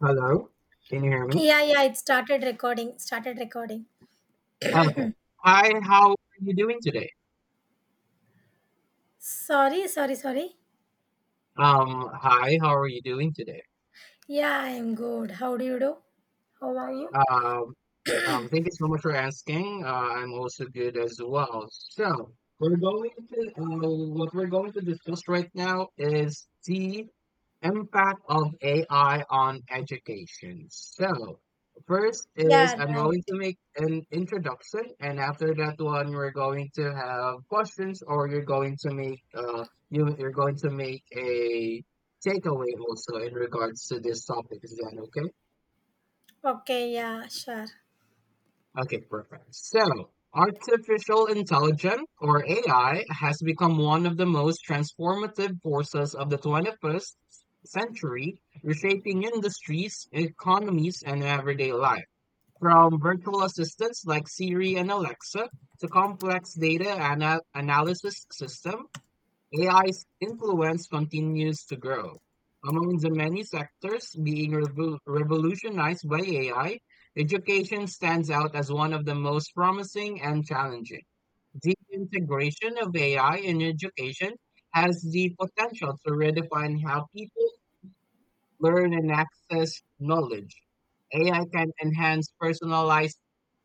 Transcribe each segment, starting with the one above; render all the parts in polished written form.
Hello, can you hear me? Yeah, yeah, it started recording. Started recording. Okay. Hi, how are you doing today? Sorry, sorry, sorry. Hi, how are you doing today? Yeah, I'm good. How do you do? How are you? Um, Thank you so much for asking. I'm also good as well. So we're going to what we're going to discuss right now is the impact of AI on education. So, first is Yeah, I'm right. going to make an introduction, and after that one, we're going to have questions, or you're going to make you're going to make a takeaway also in regards to this topic. Is that okay? Okay, yeah, sure. Okay, perfect. So, artificial intelligence or AI has become one of the most transformative forces of the 21st century, reshaping industries, economies, and everyday life. From virtual assistants like Siri and Alexa to complex analysis systems, AI's influence continues to grow. Among the many sectors being revolutionized by AI, education stands out as one of the most promising and challenging. The integration of AI in education has the potential to redefine how people learn and access knowledge. AI can enhance personalized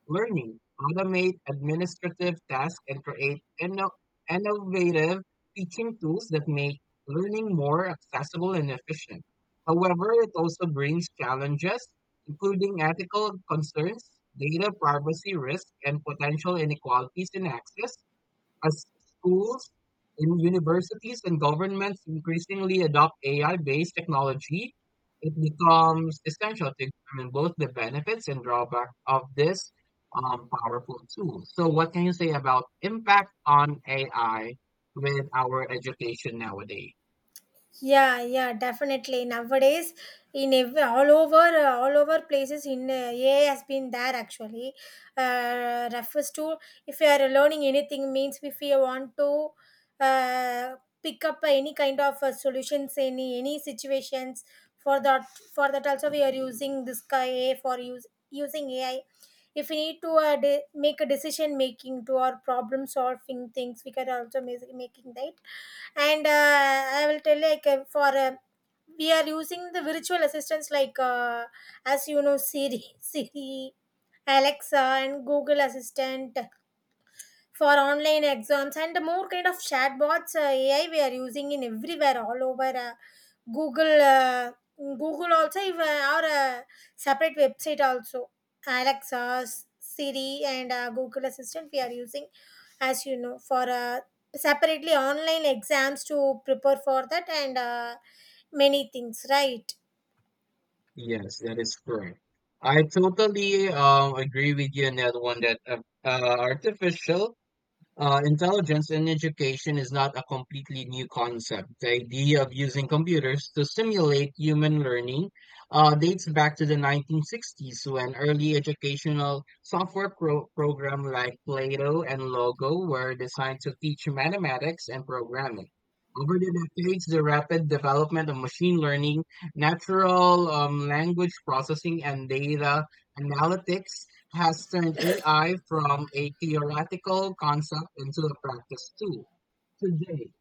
learning, automate administrative tasks, and create innovative teaching tools that make learning more accessible and efficient. However, it also brings challenges, including ethical concerns, data privacy risks, and potential inequalities in access. As schools, and universities, and governments increasingly adopt AI-based technology, it becomes essential to examine both the benefits and drawbacks of this powerful tool. So, what can you say about impact on AI with our education nowadays? Yeah, yeah, definitely. Nowadays, all over places, in AI has been there actually. Refers to if you are learning anything means if you want to uh, pick up any kind of solutions in any situations for that for that also we are using this AI for use using AI. If we need to make a decision making to our problem solving things, we can also make making that and I will tell like for we are using the virtual assistants like as you know, Siri Siri, Alexa, and Google Assistant for online exams and more kind of chatbots, AI we are using in everywhere all over, Google uh, Google also, even or a separate website also. Alexa, Siri, and Google Assistant we are using, as you know, for separately online exams to prepare for that. And many things, right? Yes, that is correct. I totally agree with you on that one. That artificial intelligence in education is not a completely new concept. The idea of using computers to simulate human learning dates back to the 1960s when early educational programs like Plato and Logo were designed to teach mathematics and programming. Over the decades, the rapid development of machine learning, natural language processing, and data analytics has turned AI from a theoretical concept into a practice tool. Today,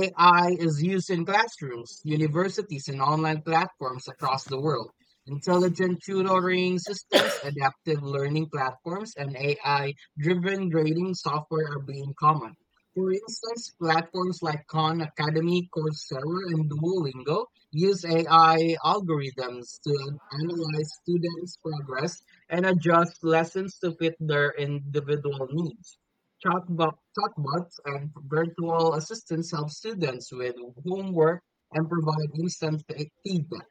AI is used in classrooms, universities, and online platforms across the world. Intelligent tutoring systems, adaptive learning platforms, and AI driven grading software are being common. For instance, platforms like Khan Academy, Coursera, and Duolingo use AI algorithms to analyze students' progress and adjust lessons to fit their individual needs. Chatbots and virtual assistants help students with homework and provide feedback.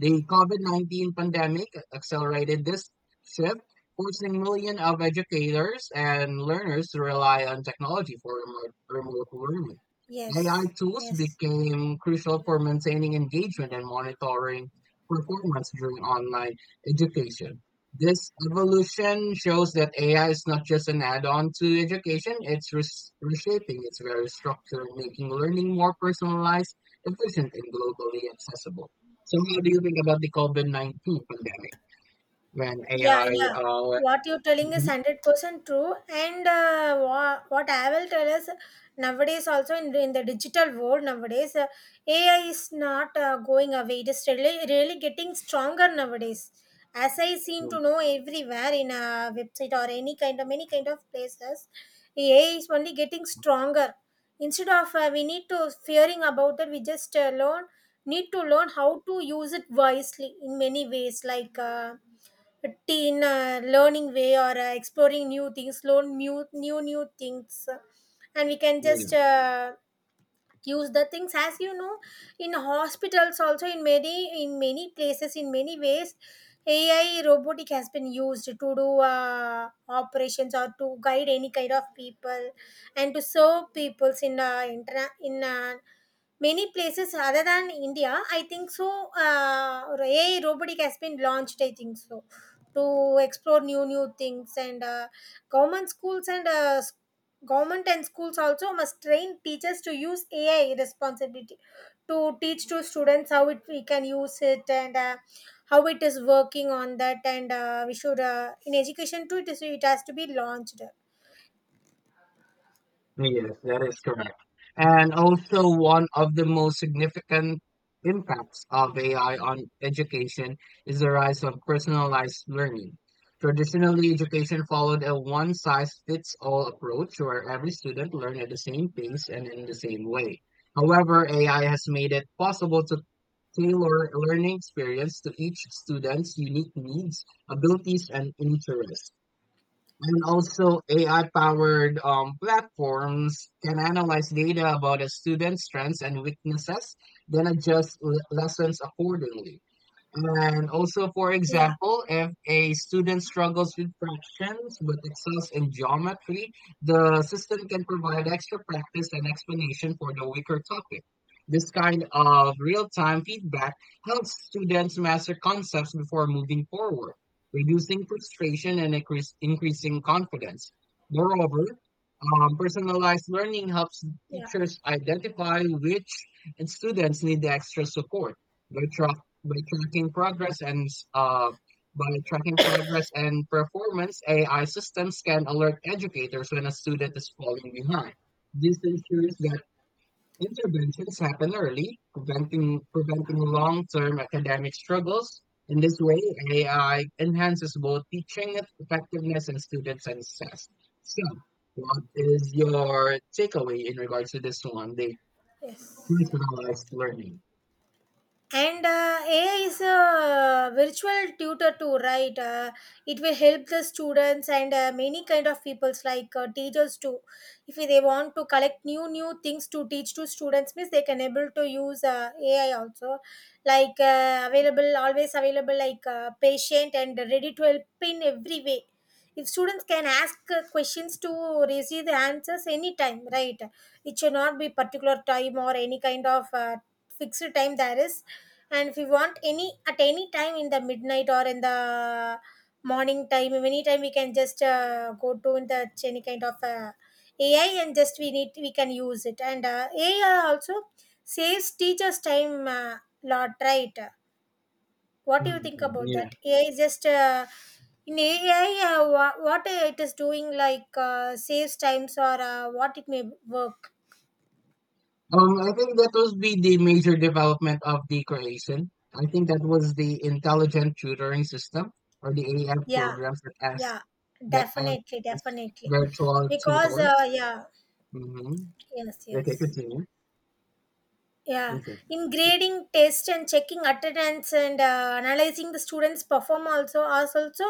The COVID 19 pandemic accelerated this shift, forcing millions of educators and learners to rely on technology for remote learning. AI Yes, tools yes. became crucial for maintaining engagement and monitoring performance during online education. This evolution shows that AI is not just an add on to education, it's reshaping its very structure, making learning more personalized, efficient, and globally accessible. So how do you think about the COVID-19 pandemic when Yeah, yeah. AI uh What you're telling is mhm, 100% true. And what I will tell is nowadays also in the digital world nowadays, AI is not going away. It is really getting stronger nowadays. As I seem to mm, know, everywhere in a website or any kind of many kind of places, AI is only getting stronger. Instead of, we need to fearing about it, we just learn, need to learn how to use it wisely in many ways, like. Teen a learning way or exploring new things, learn new things, and we can just use the things, as you know, in hospitals also, in many places, in many ways AI robotic has been used to do operations or to guide any kind of people and to serve peoples in many places other than India, I think so. AI robotic has been launched, I think so, to explore new things. And government schools and government and schools also must train teachers to use AI responsibility, to teach to students how it we can use it, and how it is working on that. And we should, in education too, it has to be launched. yeah, yes, that is correct. And also one of the most significant impacts of AI on education is the rise of personalized learning. Traditionally, education followed a one-size-fits-all approach where every student learned at the same pace and in the same way. However, AI has made it possible to tailor learning experience to each student's unique needs, abilities, and interests. And also, AI powered platforms can analyze data about a student's strengths and weaknesses, then adjust lessons accordingly. And also, for Yeah, example, if a student struggles with fractions but excels in geometry, the system can provide extra practice and explanation for the weaker topic. This kind of real time feedback helps students master concepts before moving forward, reducing frustration and increasing confidence. Moreover, personalized learning helps yeah, teachers identify which students need the extra support by by tracking progress and s- by tracking progress and performance, AI systems can alert educators when a student is falling behind. This ensures that interventions happen early, preventing long-term academic struggles. In this way, AI enhances both teaching effectiveness and student success. So, what is your takeaway in regards to this one, the yes. personalized learning? And AI is a virtual tutor too, right? Uh, it will help the students and, many kind of peoples like, teachers too, if they want to collect new things to teach to students means they can able to use AI also, like, available always available, like patient and ready to help in every way. If students can ask questions, to receive the answers anytime, right? It should not be particular time or any kind of fixed time there is. And if we want any at any time in the midnight or in the morning time, anytime we can just go to in the any kind of AI, and just we can use it. And AI also saves teachers time, lot, right? What do you Mhm. think about Yeah. that? AI is just what it is doing, like, saves times or what it may work. I think that was be the major development of the Croatian. I think that was the intelligent tutoring system or the AF Yeah, programs that yeah, ask definitely, definitely. virtual Because, tutors. yeah. Mm-hmm. Yes, Okay, yes. continue. Yeah. Okay. In grading test and checking attendance and analyzing the students' perform also, us also,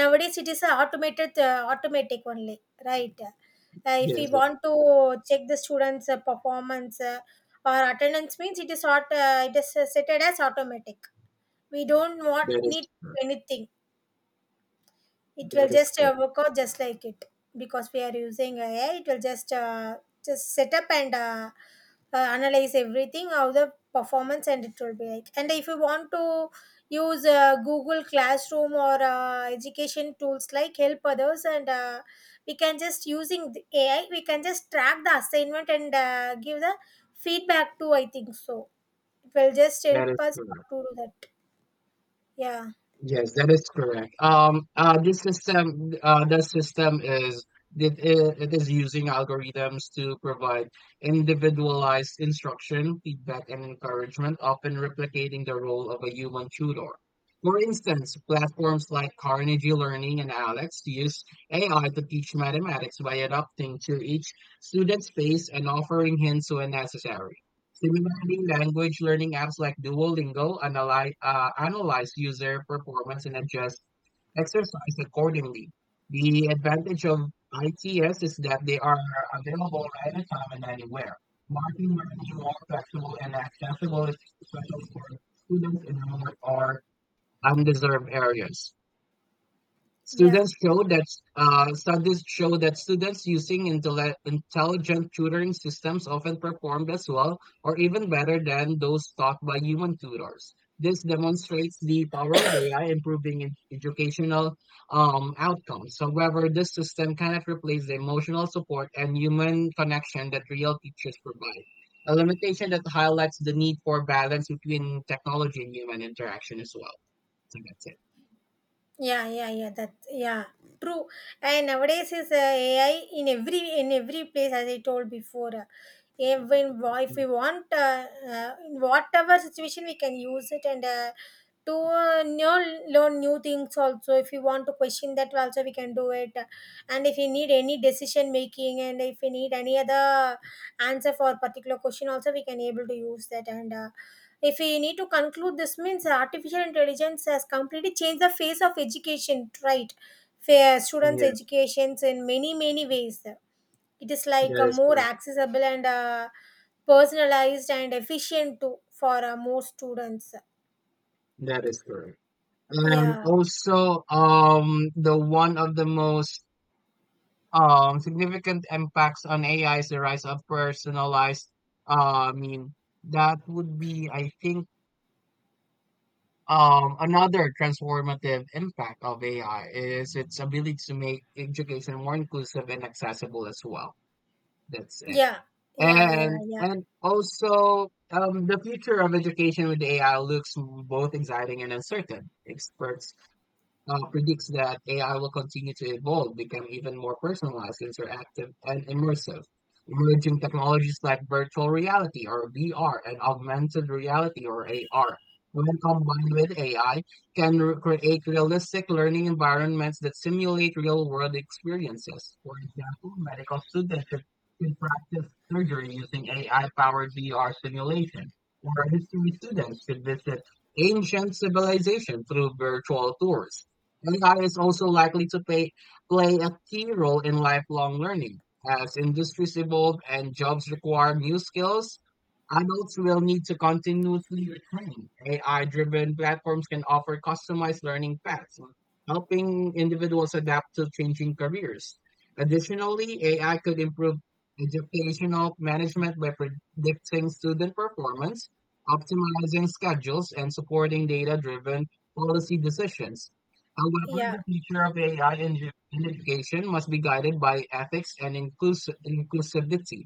nowadays it is a automated, automatic only, right? If we Yes, want to check the students' performance, or attendance means it is not it is set as automatic. We don't want that is need correct. anything. It will That is just correct. work out just like it, because we are using AI. It will just set up and analyze everything, how the performance, and it will be like. And if you want to use Google Classroom or education tools like help others, and we can just using the AI we can just track the assignment and give the feedback too, I think so. It will just help That is us to correct. do that. Yeah. Yes, that is correct. The system is it is using algorithms to provide individualized instruction, feedback, and encouragement, often replicating the role of a human tutor. For instance, platforms like Carnegie Learning and Alex use AI to teach mathematics by adapting to each student's pace and offering hints when necessary. Similarly, language learning apps like Duolingo analyze user performance and adjust exercise accordingly. The advantage of ITS is that they are available anytime and anywhere, making learning more flexible and accessible, especially for students in remote or undeserved areas. Yeah. Students show that Studies show that students using intelligent tutoring systems often performed as well or even better than those taught by human tutors. This demonstrates the power of AI improving in educational outcomes. However, this system cannot replace the emotional support and human connection that real teachers provide. A limitation that highlights the need for balance between technology and human interaction as well. So that's it. Yeah, yeah, yeah. That, yeah, true. And nowadays is AI in every place, as I told before. Even if we Mm. want, in whatever situation, we can use it and. To know, learn new things also. If you want to question, that also we can do it. And if you need any decision making, and if you need any other answer for particular question, also we can able to use that. And if we need to conclude, this means artificial intelligence has completely changed the face of education, right? For students' Yeah, educations in many many ways. It is like that a is more correct. accessible and personalized and efficient to for more students. That is correct. And Yeah, also, the one of the most significant impacts on AI is the rise of personalized. Uh, I mean, that would be, I think, another transformative impact of AI is its ability to make education more inclusive and accessible as well. That's it. yeah, yeah, yeah, And yeah, and also, the future of education with AI looks both exciting and uncertain. Experts predicts that AI will continue to evolve, become even more personalized, interactive, and immersive. Emerging technologies like virtual reality or VR and augmented reality or AR, when combined with AI, can create realistic learning environments that simulate real world experiences. For example, medical students can practice surgery using AI powered VR simulation, or history students could visit ancient civilization through virtual tours. AI is also likely to play a key role in lifelong learning. As industries evolve and jobs require new skills, adults will need to continuously retrain. AI driven platforms can offer customized learning paths, helping individuals adapt to changing careers. Additionally, AI could improve educational management by predicting student performance, optimizing schedules, and supporting data driven policy decisions. However, yeah. the future of AI in education must be guided by ethics and inclusivity.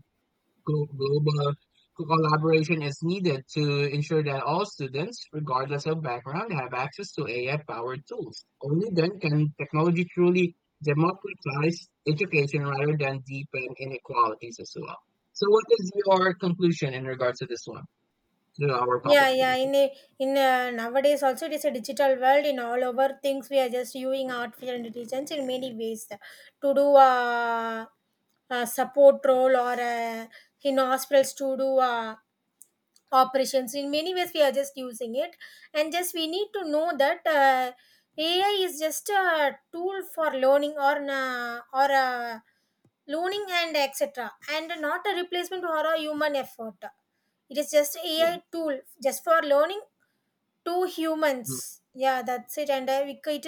Global collaboration is needed to ensure that all students, regardless of background, have access to AI-powered tools. Only then can technology truly democratize education rather than deepen inequalities as well. So, what is your conclusion in regards to this one, to our Yeah, topic for yeah. today? Nowadays also it is a digital world. In all over things, we are just using artificial intelligence in many ways to do a support role or in hospitals to do operations. In many ways, we are just using it, and just we need to know that, AI is just a tool for learning, or na or learning and etc., and not a replacement for a human effort. It is just Yeah. AI tool just for learning two humans, Mm. yeah, that's it. And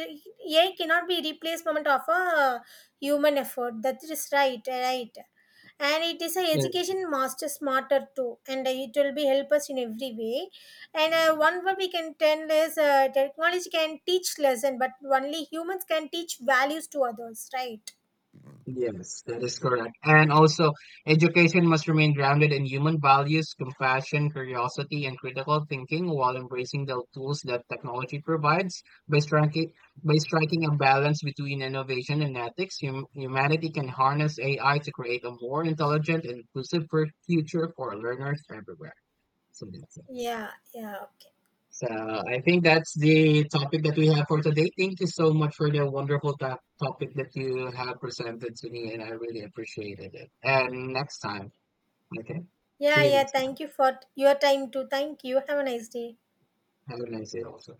AI cannot be replacement of a human effort, that is right, right. And it is a Yeah. education master smarter too, and it will be help us in every way. And one, what we can tell is, technology can teach lesson, but only humans can teach values to others, right? Yes, that is correct. And also, education must remain grounded in human values, compassion, curiosity, and critical thinking while embracing the tools that technology provides. By striking, by striking a balance between innovation and ethics, humanity can harness AI to create a more intelligent and inclusive future for learners everywhere. So that's it. Yeah, yeah, okay. So I think that's the topic that we have for today. Thank you so much for the wonderful topic that you have presented to me, and I really appreciated it. And next time, okay? See Yeah, you yeah, next time. thank you for your time too. Thank you, have a nice day. Have a nice day also.